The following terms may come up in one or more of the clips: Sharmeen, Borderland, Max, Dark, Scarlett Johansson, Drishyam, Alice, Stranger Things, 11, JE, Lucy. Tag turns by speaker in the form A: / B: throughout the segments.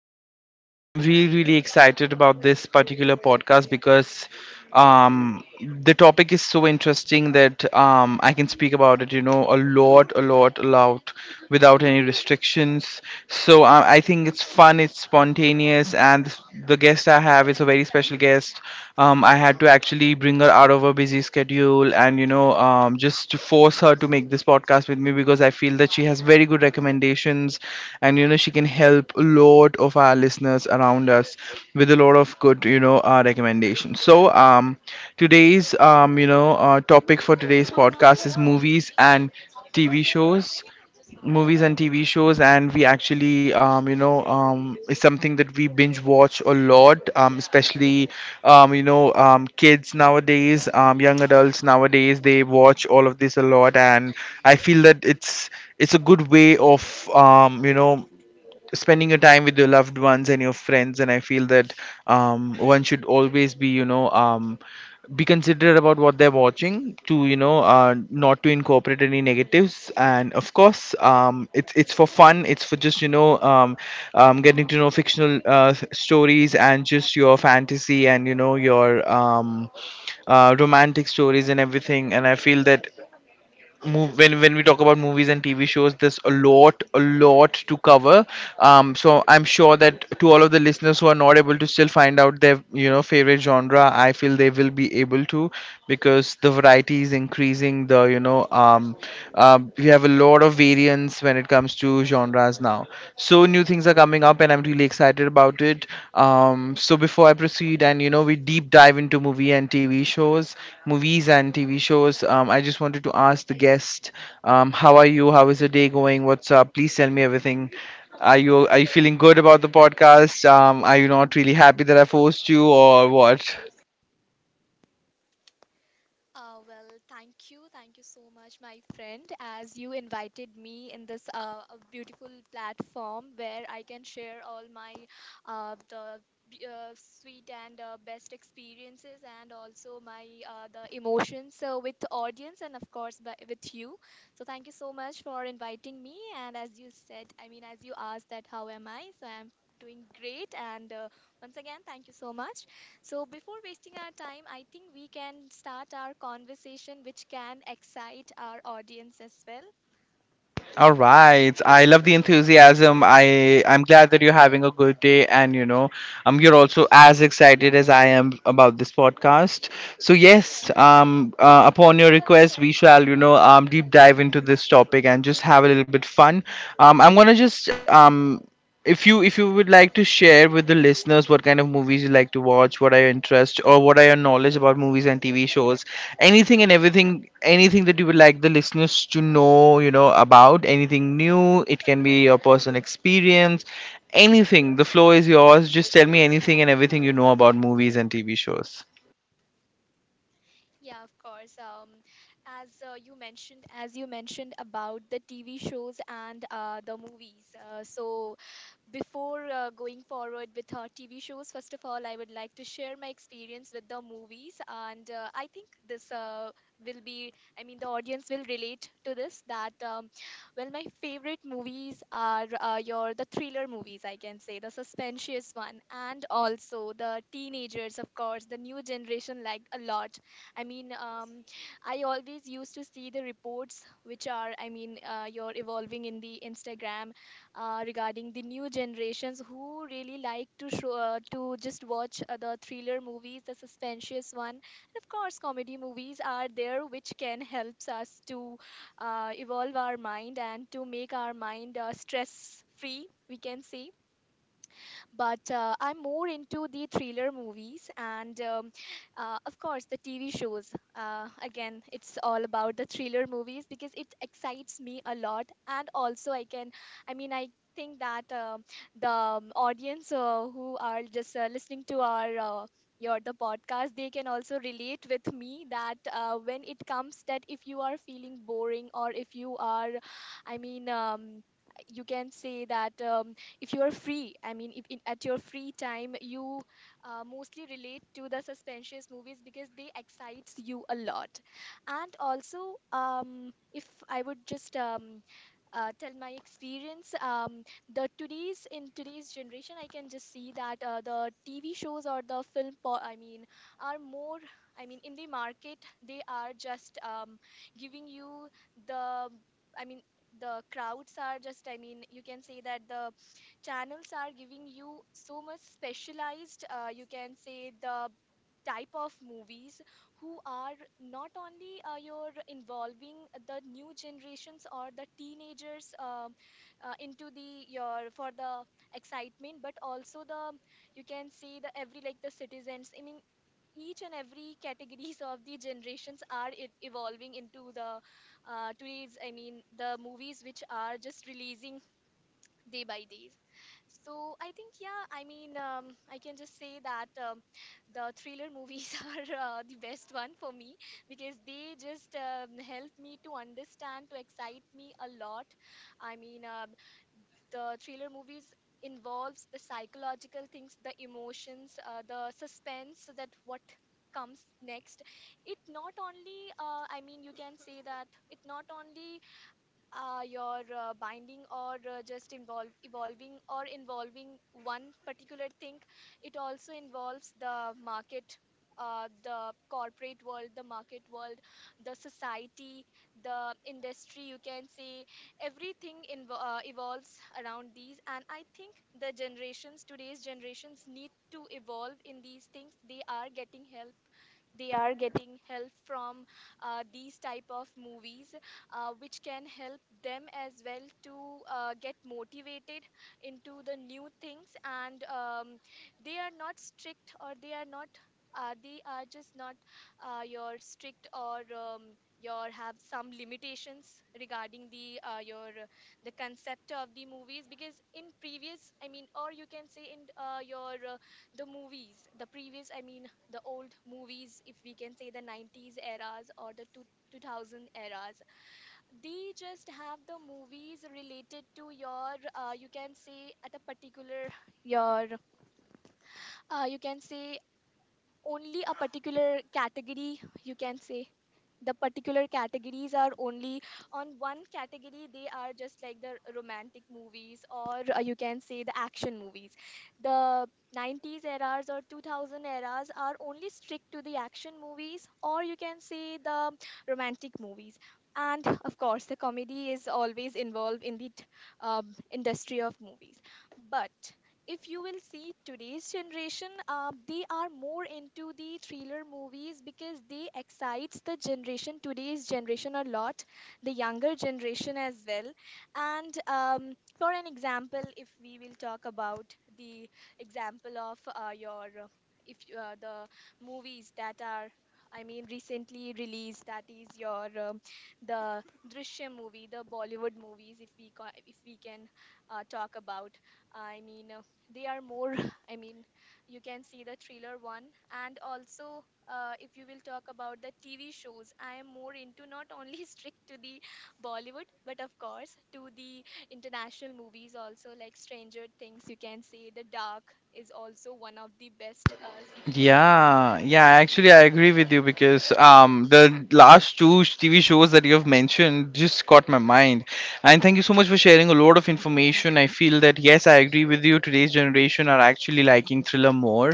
A: I'm really excited about this particular podcast because the topic is so interesting that I can speak about it, a lot, a lot, a lot, without any restrictions. So I think it's fun, it's spontaneous, and the guest I have is a very special guest. I had to actually bring her out of her busy schedule and, just to force her to make this podcast with me because I feel that she has very good recommendations and, she can help a lot of our listeners around us with a lot of good, recommendations. Topic for today's podcast is movies and TV shows, movies and TV shows, and we actually, you know, is something that we binge watch a lot, especially, kids nowadays, young adults nowadays, they watch all of this a lot, and I feel that it's a good way of, spending your time with your loved ones and your friends, and I feel that one should always be, be considerate about what they're watching to, not to incorporate any negatives, and of course, it's for fun, it's for just, getting to know fictional stories and just your fantasy, and you know your, romantic stories and everything. And I feel that move when we talk about movies and TV shows, there's a lot to cover. So I'm sure that to all of the listeners who are not able to still find out their you know favorite genre, I feel they will be able to, because the variety is increasing. The you know We have a lot of variants when it comes to genres now. So new things are coming up, and I'm really excited about it. So before I proceed, and you know, we deep dive into movies and TV shows. I just wanted to ask the guest, how are you? How is your day going? What's up? Please tell me everything. Are you feeling good about the podcast? Are you not really happy that I forced you, or what?
B: Thank you. Thank you so much, my friend, as you invited me in this a beautiful platform where I can share all my uh, the sweet and best experiences and also my the emotions with the audience and of course with you. So thank you so much for inviting me. And as you said, I mean, as you asked that how am I? So I'm doing great. And once again, thank you so much. So, before wasting our time, I think we can start our conversation, which can excite our audience as well.
A: All right. I love the enthusiasm. I'm glad that you're having a good day, and you know, you're also as excited as I am about this podcast. So yes, upon your request, we shall, you know, deep dive into this topic and just have a little bit fun. I'm going to just If you would like to share with the listeners what kind of movies you like to watch, what are your interests, or what are your knowledge about movies and TV shows, anything and everything, anything that you would like the listeners to know, you know, about anything new. It can be your personal experience, anything. The floor is yours. Just tell me anything and everything you know about movies and tv shows.
B: Yeah, of course. As you mentioned, as you mentioned about the TV shows and the movies. Before going forward with our TV shows, first of all, I would like to share my experience with the movies, and I think this will be, I mean, the audience will relate to this. That well, my favorite movies are your the thriller movies, I can say, the suspensious one, and also the teenagers, of course, the new generation like a lot. I mean, I always used to see the reports which are, I mean, you're evolving in the Instagram regarding the new generations who really like to show to just watch the thriller movies, the suspensious one, and of course, comedy movies are there which can helps us to evolve our mind and to make our mind stress free. We can say but I'm more into the thriller movies and of course, the TV shows. Again, it's all about the thriller movies because it excites me a lot, and also I can, I mean, I think that the audience who are just listening to our your the podcast they can also relate with me that when it comes that if you are feeling boring or if you are i mean um, you can say that if you are free I mean if in, at your free time you mostly relate to the suspense movies because they excites you a lot and also if I would just tell my experience the today's in today's generation I can just see that the TV shows or the I mean are more I mean in the market they are just giving you the I mean the crowds are just I mean you can say that the channels are giving you so much specialized, you can say, the type of movies who are not only you're involving the new generations or the teenagers into the your for the excitement but also the you can see the every like the citizens I mean each and every categories of the generations are evolving into the today's I mean the movies which are just releasing day by day. So I think, yeah, I mean, I can just say that the thriller movies are the best one for me because they just help me to understand, to excite me a lot. I mean, the thriller movies involves the psychological things, the emotions, the suspense that what comes next it not only I mean you can say that it not only your binding or just involve evolving or involving one particular thing it also involves the market, the corporate world, the market world, the society, the industry you can say everything evolves around these and I think the generations today's generations need to evolve in these things. They are getting help, they are getting help from these type of movies which can help them as well to get motivated into the new things and they are not strict or they are not they are just not your strict or your have some limitations regarding the your the concept of the movies because in previous I mean or you can say in your the movies the previous I mean the old movies, if we can say the 90s eras or 2000 eras. They just have the movies related to your, you can say at a particular, your, you can say only a particular category, you can say the particular categories are only on one category they are just like the romantic movies or you can say the action movies, the 90s eras or 2000 eras are only strict to the action movies or you can say the romantic movies and of course the comedy is always involved in the industry of movies. But if you will see today's generation they are more into the thriller movies because they excites the generation today's generation a lot, the younger generation as well. And for an example if we will talk about the example of your if you- the movies that are I mean, recently released. That is your the Drishyam movie, the Bollywood movies. If we can talk about, I mean, they are more I mean you can see the thriller one and also if you will talk about the TV shows I am more into not only strict to the Bollywood but of course to the international movies also like Stranger Things. You can say the Dark is also one of the best series.
A: Yeah, yeah. Actually, I agree with you because the last tv shows that you have mentioned just caught my mind. And thank you so much for sharing a lot of information. I feel that yes, I agree with you, today's generation are actually liking thriller more.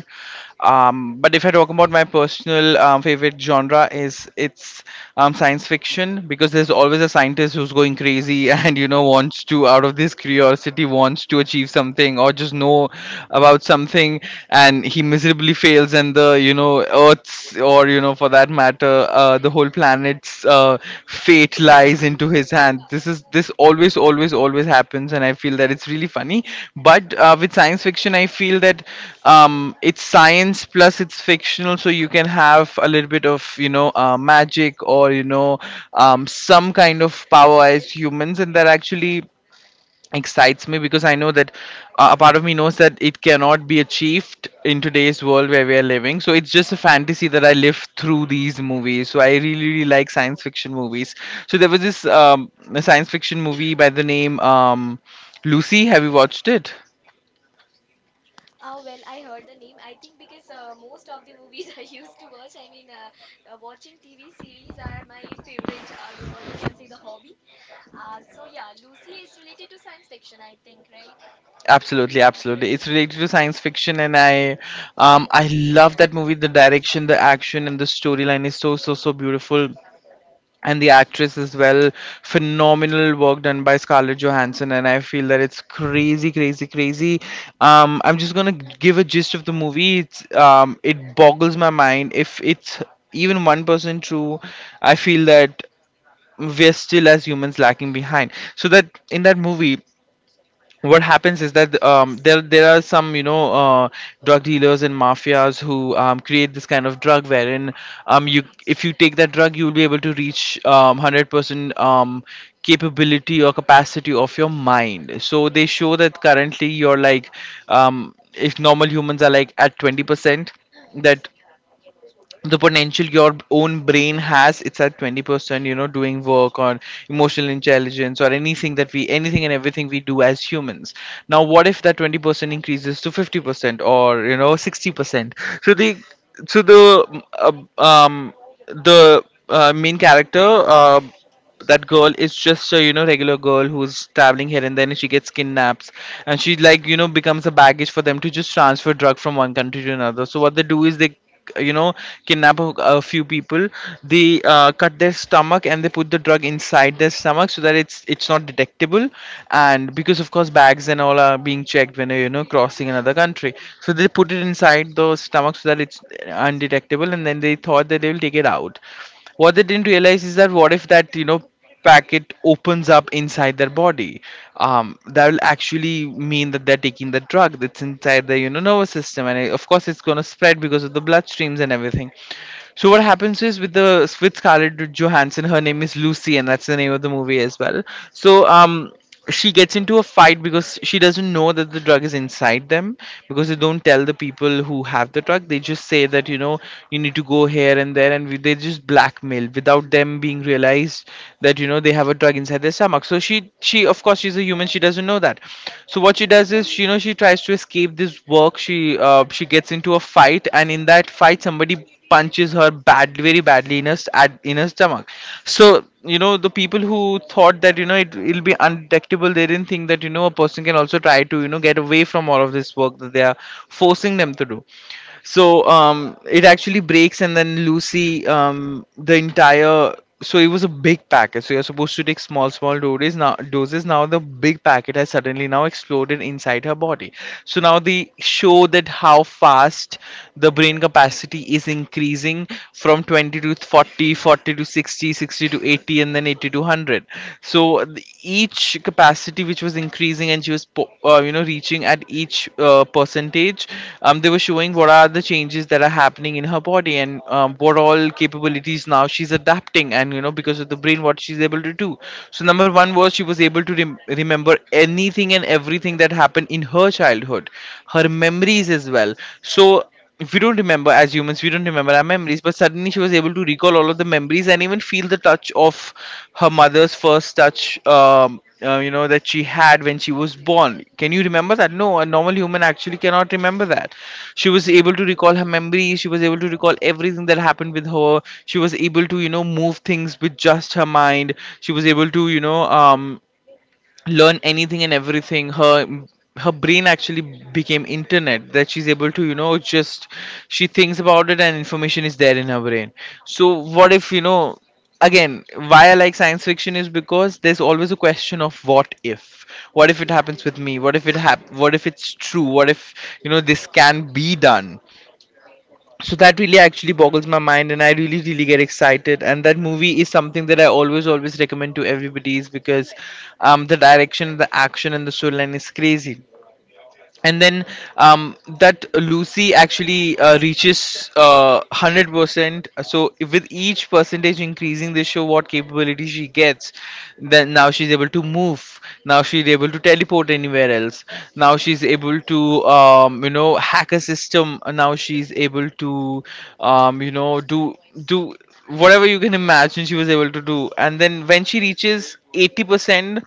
A: But if I talk about my personal favorite genre, is it's science fiction, because there's always a scientist who's going crazy and you know wants to, out of this curiosity, wants to achieve something or just know about something, and he miserably fails, and the you know earth's, or you know for that matter, the whole planet's fate lies in into his hand. This always, always, always happens, and I feel that it's really funny. But with science fiction, I feel that it's science plus it's fictional, so you can have a little bit of you know, magic, or you know, some kind of power as humans, and that actually excites me, because I know that a part of me knows that it cannot be achieved in today's world where we are living. So it's just a fantasy that I live through these movies. So I really, really like science fiction movies. So there was this, a science fiction movie by the name, Lucy. Have you watched it?
B: Ah, well, I heard the name. I think because most of the movies I used to watch, I mean, watching TV series are my favorite, you can say, the hobby. So yeah, Lucy is related to science fiction, I think, right?
A: Absolutely, absolutely. It's related to science fiction, and I love that movie. The direction, the action, and the storyline is so, so, so beautiful, and the actress as well, phenomenal work done by Scarlett Johansson. And I feel that it's crazy, crazy, crazy. I'm just gonna give a gist of the movie. It boggles my mind if it's even 1% true. I feel that we're still, as humans, lacking behind. So that in that movie, what happens is that there are some you know, drug dealers and mafias who create this kind of drug, wherein you, if you take that drug, you will be able to reach 100% capability or capacity of your mind. So they show that currently you're like, if normal humans are like at 20%, that the potential your own brain has, it's at 20%, you know, doing work on emotional intelligence, or anything that we, anything and everything we do as humans. Now what if that 20% increases to 50%, or you know 60%? So the so the main character, that girl is just a you know regular girl who's traveling here, and then she gets kidnapped, and she, like you know, becomes a baggage for them to just transfer drug from one country to another. So what they do is, they you know kidnap a few people. They cut their stomach, and they put the drug inside their stomach so that it's not detectable. And because of course bags and all are being checked when you're you know crossing another country. So they put it inside the stomach so that it's undetectable, and then they thought that they will take it out. What they didn't realize is that, what if that you know packet opens up inside their body? That will actually mean that they're taking the drug that's inside the you know nervous system, and of course it's going to spread because of the bloodstreams and everything. So what happens is, with Scarlett Johansson, her name is Lucy, and that's the name of the movie as well. So she gets into a fight because she doesn't know that the drug is inside them. Because they don't tell the people who have the drug, they just say that you know, you need to go here and there, and they just blackmail without them being realized that you know they have a drug inside their stomach. So she of course, she's a human, she doesn't know that. So what she does is, she, you know, she tries to escape this work. She gets into a fight, and in that fight somebody punches her bad, very badly in her s- at in her stomach. So the people who thought that it will be undetectable, they didn't think that a person can also try to get away from all of this work that they are forcing them to do. So it actually breaks, and then Lucy, the entire so it was a big packet, so you're supposed to take small small doses now, the big packet has suddenly now exploded inside her body. So now they show that how fast the brain capacity is increasing, from 20 to 40, 40 to 60, 60 to 80, and then 80 to 100. So each capacity which was increasing, and she was reaching at each percentage, they were showing what are the changes that are happening in her body, and what all capabilities now she's adapting, and because of the brain, what she's able to do. So number one was she was able to remember anything and everything that happened in her childhood, her memories as well. So if we don't remember, as humans we don't remember our memories, but suddenly she was able to recall all of the memories and even feel the touch of her mother's first touch, that she had when she was born. Can you remember that? No, a normal human actually cannot remember that. She was able to recall her memories, she was able to recall everything that happened with her, she was able to move things with just her mind, she was able to learn anything and everything. Her brain actually became internet, that she's able to you know just she thinks about it and information is there in her brain. So what if you know again, why I like science fiction is because there's always a question of what if. What if it happens with me? What if what if it's true? What if this can be done? So that really actually boggles my mind, and I really really get excited, and that movie is something that I always always recommend to everybody, is because the direction, the action, and the storyline is crazy. And then that Lucy actually reaches 100%. So with each percentage increasing, they show what capability she gets. Then now she's able to move. Now she's able to teleport anywhere else. Now she's able to, hack a system. Now she's able to, um, you know, do do whatever you can imagine she was able to do. And then when she reaches 80%,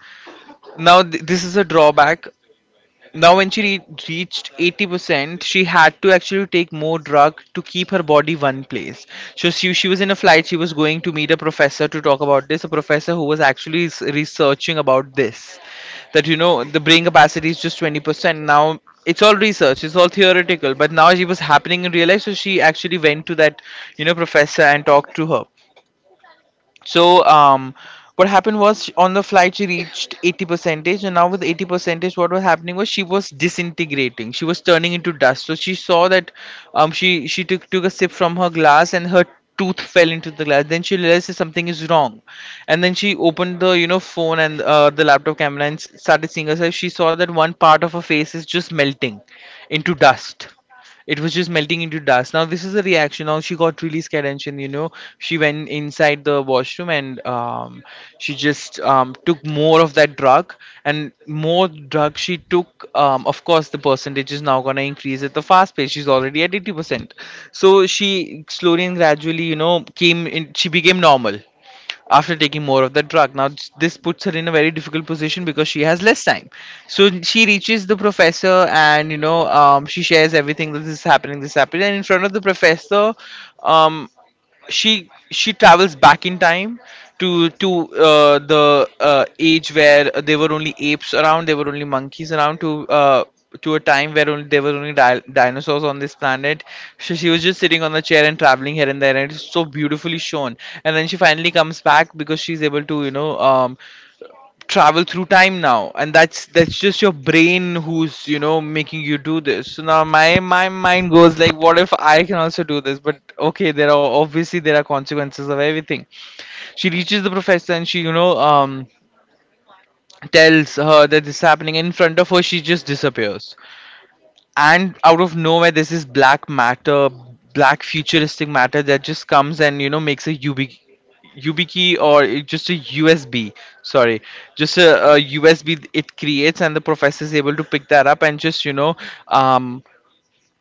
A: now this is a drawback. Now, when she reached 80%, she had to actually take more drug to keep her body one place. So she was in a flight. She was going to meet a professor to talk about this, a professor who was actually researching about this, that, the brain capacity is just 20%. Now, it's all research, it's all theoretical, but now it was happening in real life. So she actually went to that, professor and talked to her. So what happened was on the flight she reached 80 percentage, and now with 80 percentage, what was happening was she was disintegrating. She was turning into dust. So she saw that, she took a sip from her glass, and her tooth fell into the glass. Then she realized that something is wrong, and then she opened the phone and the laptop camera and started seeing herself. She saw that one part of her face is just melting into dust. It was just melting into dust. Now this is the reaction. Now she got really scared, and she she went inside the washroom and, she just took more of that drug. And more drug she took, of course the percentage is now going to increase at the fast pace. She's already at 80%, so she slowly and gradually came in, she became normal after taking more of the drug. Now, this puts her in a very difficult position because she has less time. So she reaches the professor and, she shares everything, that this is happening, this is happening. And in front of the professor, um, she travels back in time, to the age where there were only apes around, there were only monkeys around, to a time where only there were only dinosaurs on this planet. So she was just sitting on the chair and traveling here and there, and it's so beautifully shown. And then she finally comes back because she's able to travel through time now. And that's just your brain who's making you do this. So now my mind goes like, what if I can also do this? But okay, there are obviously there are consequences of everything. She reaches the professor and she tells her that this is happening. In front of her, she just disappears, and out of nowhere there's this black matter, black futuristic matter, that just comes and makes a YubiKey, or just a USB. Sorry, just a USB it creates, and the professor is able to pick that up and just um,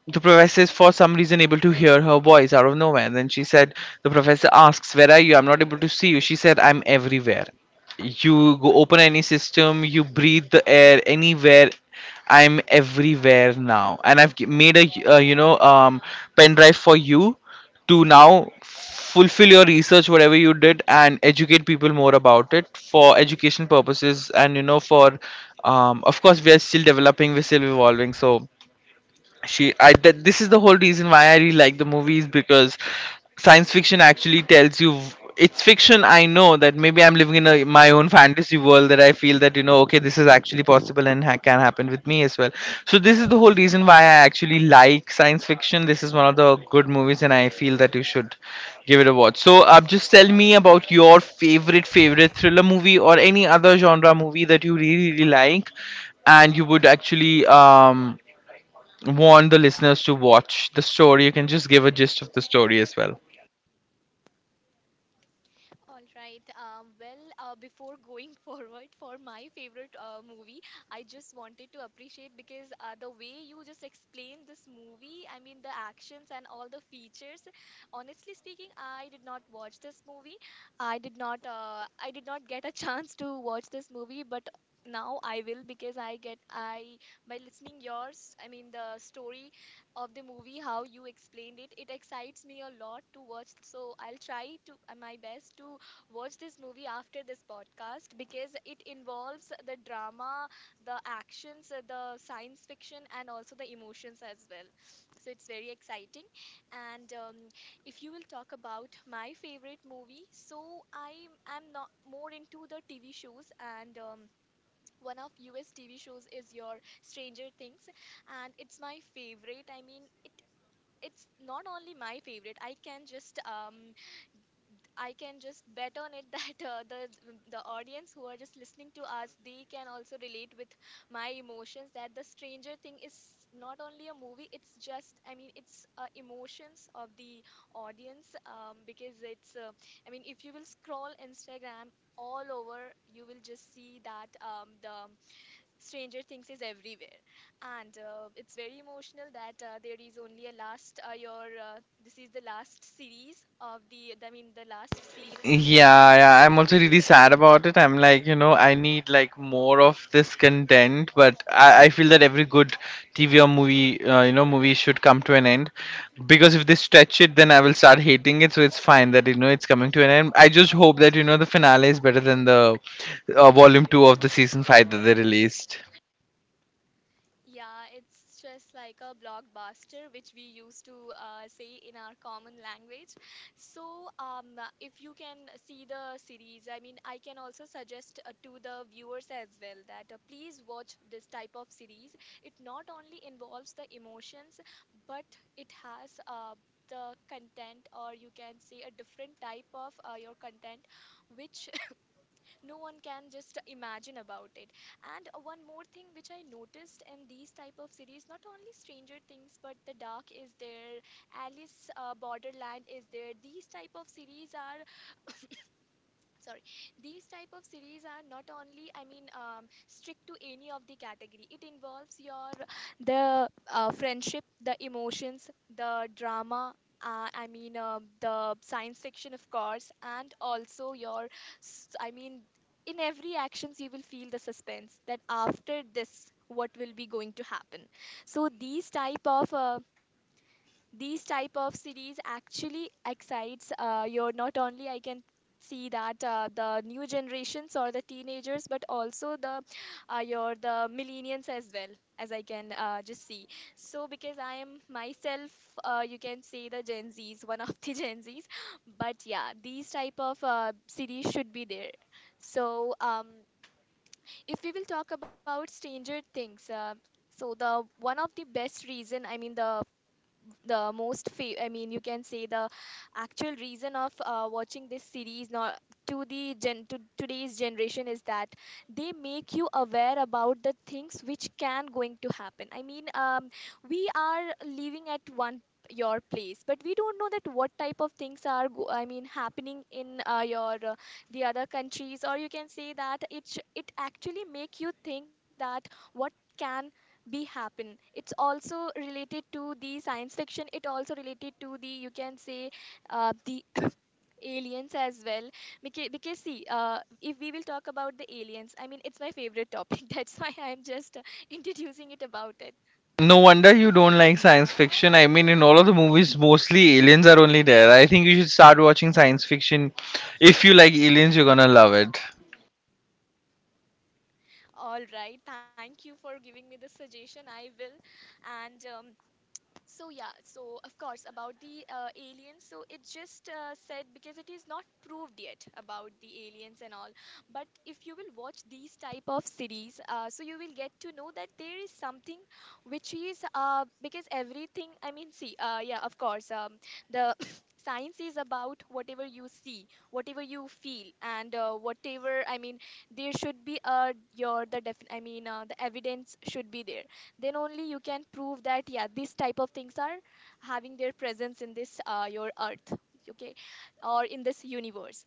A: the professor is for some reason able to hear her voice out of nowhere. Then she said, the professor asks, "Where are you? I'm not able to see you." She said, "I'm everywhere. You go open any system, you breathe the air anywhere. I'm everywhere now. And I've made a, pen drive for you to now fulfill your research, whatever you did, and educate people more about it for education purposes. And, you know, for, of course, we are still developing, we're still evolving." So, she I that this is the whole reason why I really like the movies, because science fiction actually tells you it's fiction. I know that maybe I'm living in my own fantasy world, that I feel that okay, this is actually possible and can happen with me as well. So this is the whole reason why I actually like science fiction. This is one of the good movies, and I feel that you should give it a watch. So just tell me about your favorite thriller movie or any other genre movie that you really really like, and you would actually want the listeners to watch. The story, you can just give a gist of the story as well.
B: All right. Before going forward for my favorite movie, I just wanted to appreciate because the way you just explained this movie, I mean, the actions and all the features. Honestly speaking, I did not watch this movie. I did not. I did not get a chance to watch this movie, but now I will because I get I by listening yours. I mean, the story of the movie, how you explained it, it excites me a lot to watch. So I'll try to my best to watch this movie after this podcast because it involves the drama, the actions, the science fiction, and also the emotions as well. So it's very exciting. And if you will talk about my favorite movie, so I am not more into the TV shows and. One of US TV shows is your Stranger Things and it's not only my favorite. I can just bet on it that the audience who are just listening to us, they can also relate with my emotions. That the Stranger Thing is not only a movie; it's just, I mean, it's emotions of the audience. Because it's, I mean, if you will scroll Instagram all over, you will just see that the Stranger Things is everywhere, and it's very emotional that there is only a last. Your this is the last series of the. I mean, the last season of the movie.
A: Yeah, yeah, I'm also really sad about it. I'm like, I need like more of this content, but I feel that every good TV or movie should come to an end, because if they stretch it, then I will start hating it. So it's fine that it's coming to an end. I just hope that the finale is better than the volume 2 of the season 5 that they released.
B: Yeah, it's just like a blockbuster, which we used to say in our common language. So, if you can see the series, I mean, I can also suggest to the viewers as well that please watch this type of series. It not only involves the emotions, but it has the content, or you can say a different type of your content, which no one can just imagine about it. And one more thing which I noticed in these type of series, not only Stranger Things but The Dark is there, Alice Borderland is there. These type of series are sorry these type of series are not only strict to any of the category. It involves your the friendship, the emotions, the drama, the science fiction, of course, and also your s- i mean in every actions you will feel the suspense, that after this what will be going to happen. So these type of series actually excites you're not only, I can see that the new generations or the teenagers, but also the your the millennials as well, as I can just see. So because I am myself, you can say, the Gen Z's, one of the Gen Z's. But yeah, these type of series should be there. So if we will talk about Stranger Things, so the one of the best reason, I mean, the of the most you can say the actual reason of watching this series, not to the to today's generation, is that they make you aware about the things which can going to happen. We are living at one your place, but we don't know that what type of things are happening in your the other countries, or you can say that it actually make you think that what can be happen. It's also related to the science fiction, it also related to the, you can say, the aliens as well. Because see, if we will talk about the aliens, I mean, it's my favorite topic that's why I'm just introducing it about it.
A: No wonder you don't like science fiction. I mean, in all of the movies, mostly aliens are only there. I think you should start watching science fiction. If you like aliens, you're gonna love it.
B: All right, thank you for giving me the suggestion, I will. And So yeah, so of course about the aliens. So it just said, because it is not proved yet about the aliens and all. But if you will watch these type of series, so you will get to know that there is something which is because everything. I mean, see, yeah, of course, the science is about whatever you see, whatever you feel, and whatever. I mean, there should be your the the evidence should be there, then only you can prove that yeah, these type of things are having their presence in this your earth, okay, or in this universe.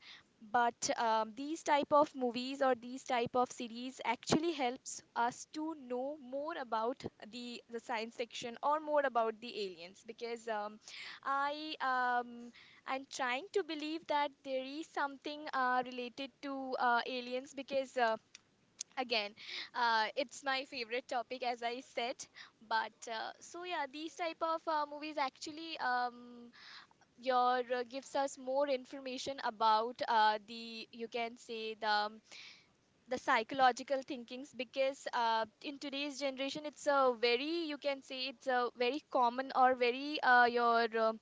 B: But these type of movies or these type of series actually helps us to know more about the science fiction or more about the aliens. Because i um, I'm trying to believe that there is something related to aliens, because again, it's my favorite topic, as I said. But so yeah, these type of movies actually your gives us more information about the, you can say, the psychological thinkings. Because in today's generation it's a very, you can say, it's a very common or very your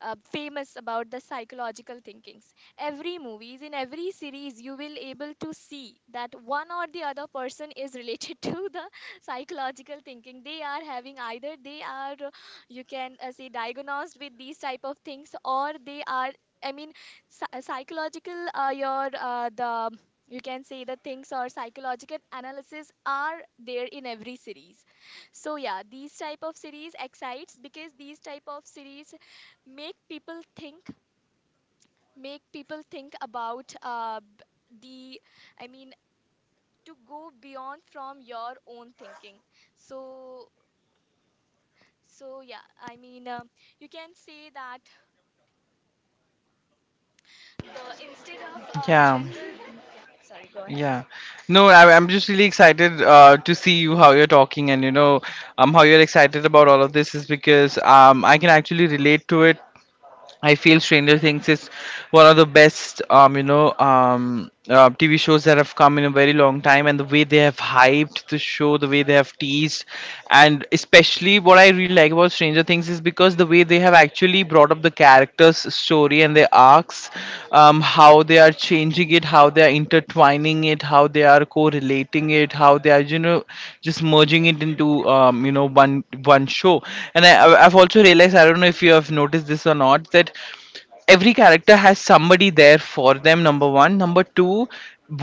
B: famous about the psychological thinkings. Every movies, in every series, you will able to see that one or the other person is related to the psychological thinking they are having. Either they are you can say diagnosed with these type of things, or they are, i mean psychological your the, you can say, the things, or psychological analysis are there in every series. So yeah, these type of series excites, because these type of series make people think, make people think about the, i mean to go beyond from your own thinking. So so yeah, you can say that the instead of
A: Yeah,
B: general, yeah, sorry, go ahead.
A: yeah. No, I'm just really excited to see you, how you're talking, and how you're excited about all of this is because I can actually relate to it. I feel Stranger Things is one of the best, TV shows that have come in a very long time, and the way they have hyped the show, the way they have teased, and especially what I really like about Stranger Things is because the way they have actually brought up the characters' story and their arcs, how they are changing it, how they are intertwining it, how they are correlating it, how they are just merging it into one show. And I've also realized, I don't know if you have noticed this or not, that every character has somebody there for them. Number one, number two,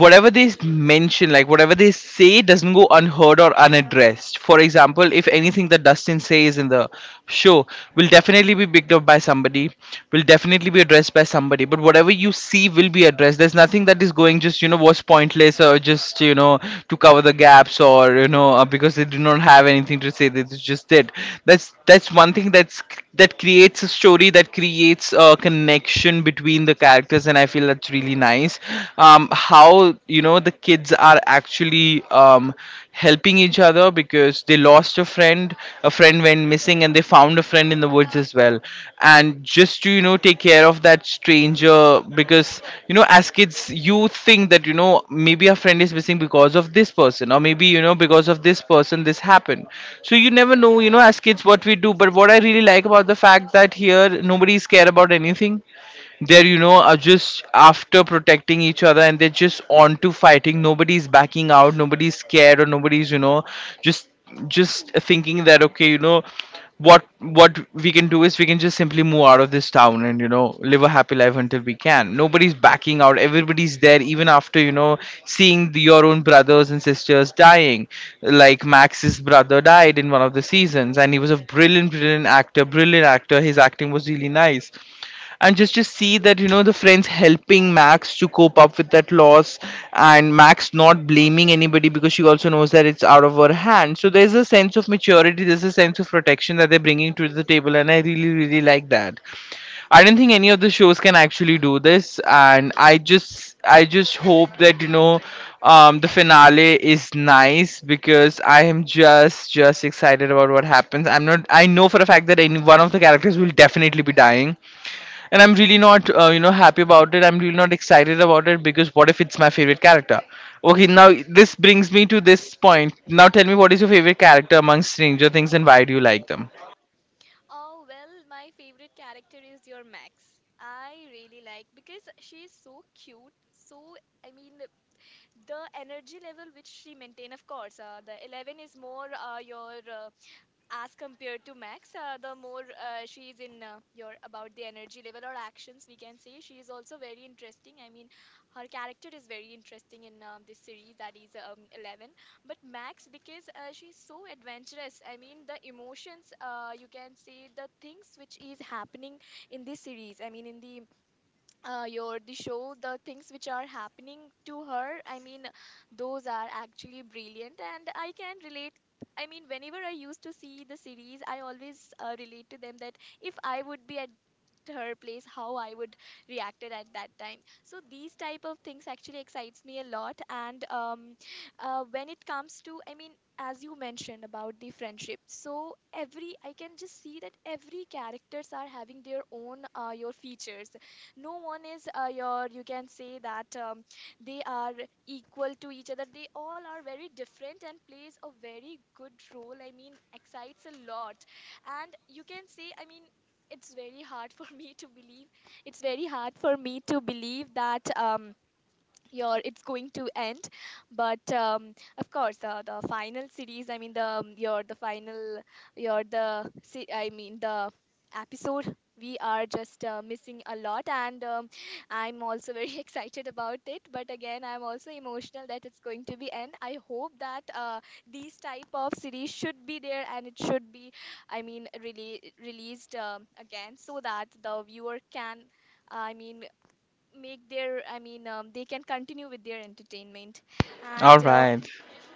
A: whatever they mention, like whatever they say doesn't go unheard or unaddressed. For example, if anything that Dustin says in the show will definitely be picked up by somebody, will definitely be addressed by somebody. But whatever you see will be addressed. There's nothing that is going just was pointless or just you know to cover the gaps or because they do not have anything to say, they just did. That's one thing that's that creates a story, that creates a connection between the characters, and I feel that's really nice. How the kids are actually helping each other, because they lost a friend went missing, and they found a friend in the woods as well. And just to, take care of that stranger, because, as kids, you think that, maybe our friend is missing because of this person, or maybe, because of this person, this happened. So you never know, as kids, what we do. But what I really like about the fact that here nobody is care about anything, they're, are just after protecting each other, and they're just on to fighting. Nobody's backing out, nobody's scared, or nobody's just just thinking that okay, what we can do is we can just simply move out of this town and live a happy life until we can. Nobody's backing out, everybody's there even after seeing the, your own brothers and sisters dying. Like Max's brother died in one of the seasons, and he was a brilliant actor. Brilliant actor, his acting was really nice. And just see that the friends helping Max to cope up with that loss, and Max not blaming anybody because she also knows that it's out of her hand. So there's a sense of maturity, there's a sense of protection that they're bringing to the table, and I really like that. I don't think any of the shows can actually do this, and I just hope that the finale is nice, because I am just excited about what happens. I'm not I know for a fact that any one of the characters will definitely be dying, and I'm really not happy about it. I'm really not excited about it, because what if it's my favorite character? Okay, now this brings me to this point. Now tell me, what is your favorite character among Stranger Things, and why do you like them?
B: Oh, well, my favorite character is your Max. I really like because she is so cute. So, I mean, the energy level which she maintain, of course. The 11 is more your as compared to Max, the more she is in your about the energy level or actions, we can say she is also very interesting. I mean, her character is very interesting in this series, that is 11. But Max, because she's so adventurous, I mean, the emotions, you can say the things which is happening in this series, I mean, in the your the show, the things which are happening to her, those are actually brilliant, and I can relate. I mean, whenever I used to see the series, I always relate to them, that if I would be at her place, how I would reacted at that time. So these type of things actually excites me a lot. And When it comes to, as you mentioned about the friendship, so every, I can just see that every characters are having their own your features. No one is you can say that they are equal to each other, they all are very different and plays a very good role, I mean, excites a lot. And you can say, I mean, it's very hard for me to believe, it's very hard for me to believe that your it's going to end. But of course the final series, I mean, the your the final your the se- I mean the episode, we are just missing a lot. And I'm also very excited about it, but again I'm also emotional that it's going to be end. I hope that these type of series should be there, and it should be, I mean, really released again, so that the viewer can, I mean, make their, they can continue with their entertainment.
A: All
B: And
A: right.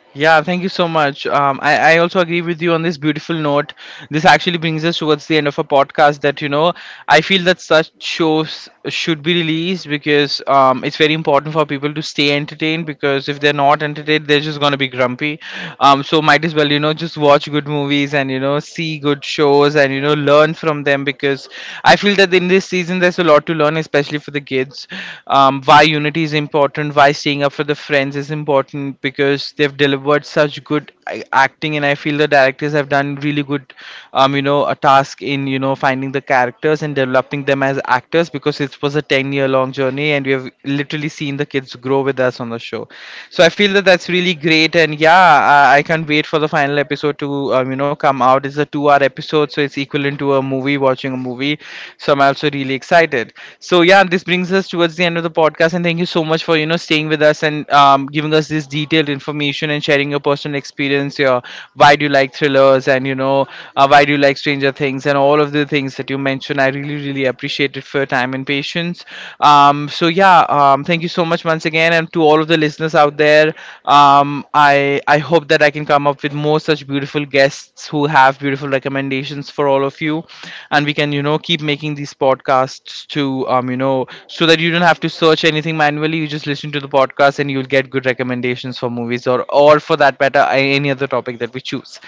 B: yeah.
A: Yeah, thank you so much. I also agree with you on this beautiful note. This actually brings us towards the end of a podcast that, I feel that such shows should be released, because it's very important for people to stay entertained, because if they're not entertained, they're just going to be grumpy. So might as well, you know, just watch good movies, and, you know, see good shows, and, you know, learn from them. Because I feel that in this season, there's a lot to learn, especially for the kids. Why unity is important, why staying up for the friends is important, because they've delivered such good acting. And I feel the directors have done really good, you know, a task in, you know, finding the characters and developing them as actors, because it was a 10-year long journey, and we have literally seen the kids grow with us on the show. So I feel that that's really great. And yeah, I can't wait for the final episode to you know, come out. It's a 2 hour episode, so it's equivalent to a movie, watching a movie. So I'm also really excited. So yeah, this brings us towards the end of the podcast, and thank you so much for, you know, staying with us, and giving us this detailed information and sharing your personal experience, your why do you like thrillers, and why do you like Stranger Things, and all of the things that you mentioned. I really appreciate it for your time and patience. Thank you so much once again, and to all of the listeners out there, I hope that I can come up with more such beautiful guests who have beautiful recommendations for all of you. And we can, you know, keep making these podcasts to, you know, so that you don't have to search anything manually. You just listen to the podcast and you'll get good recommendations for movies, or for that matter, any other topic that we choose.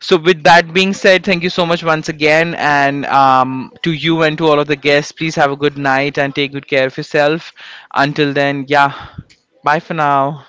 A: So, with that being said, thank you so much once again. And to you and to all of the guests, please have a good night and take good care of yourself. Until then, yeah, bye for now.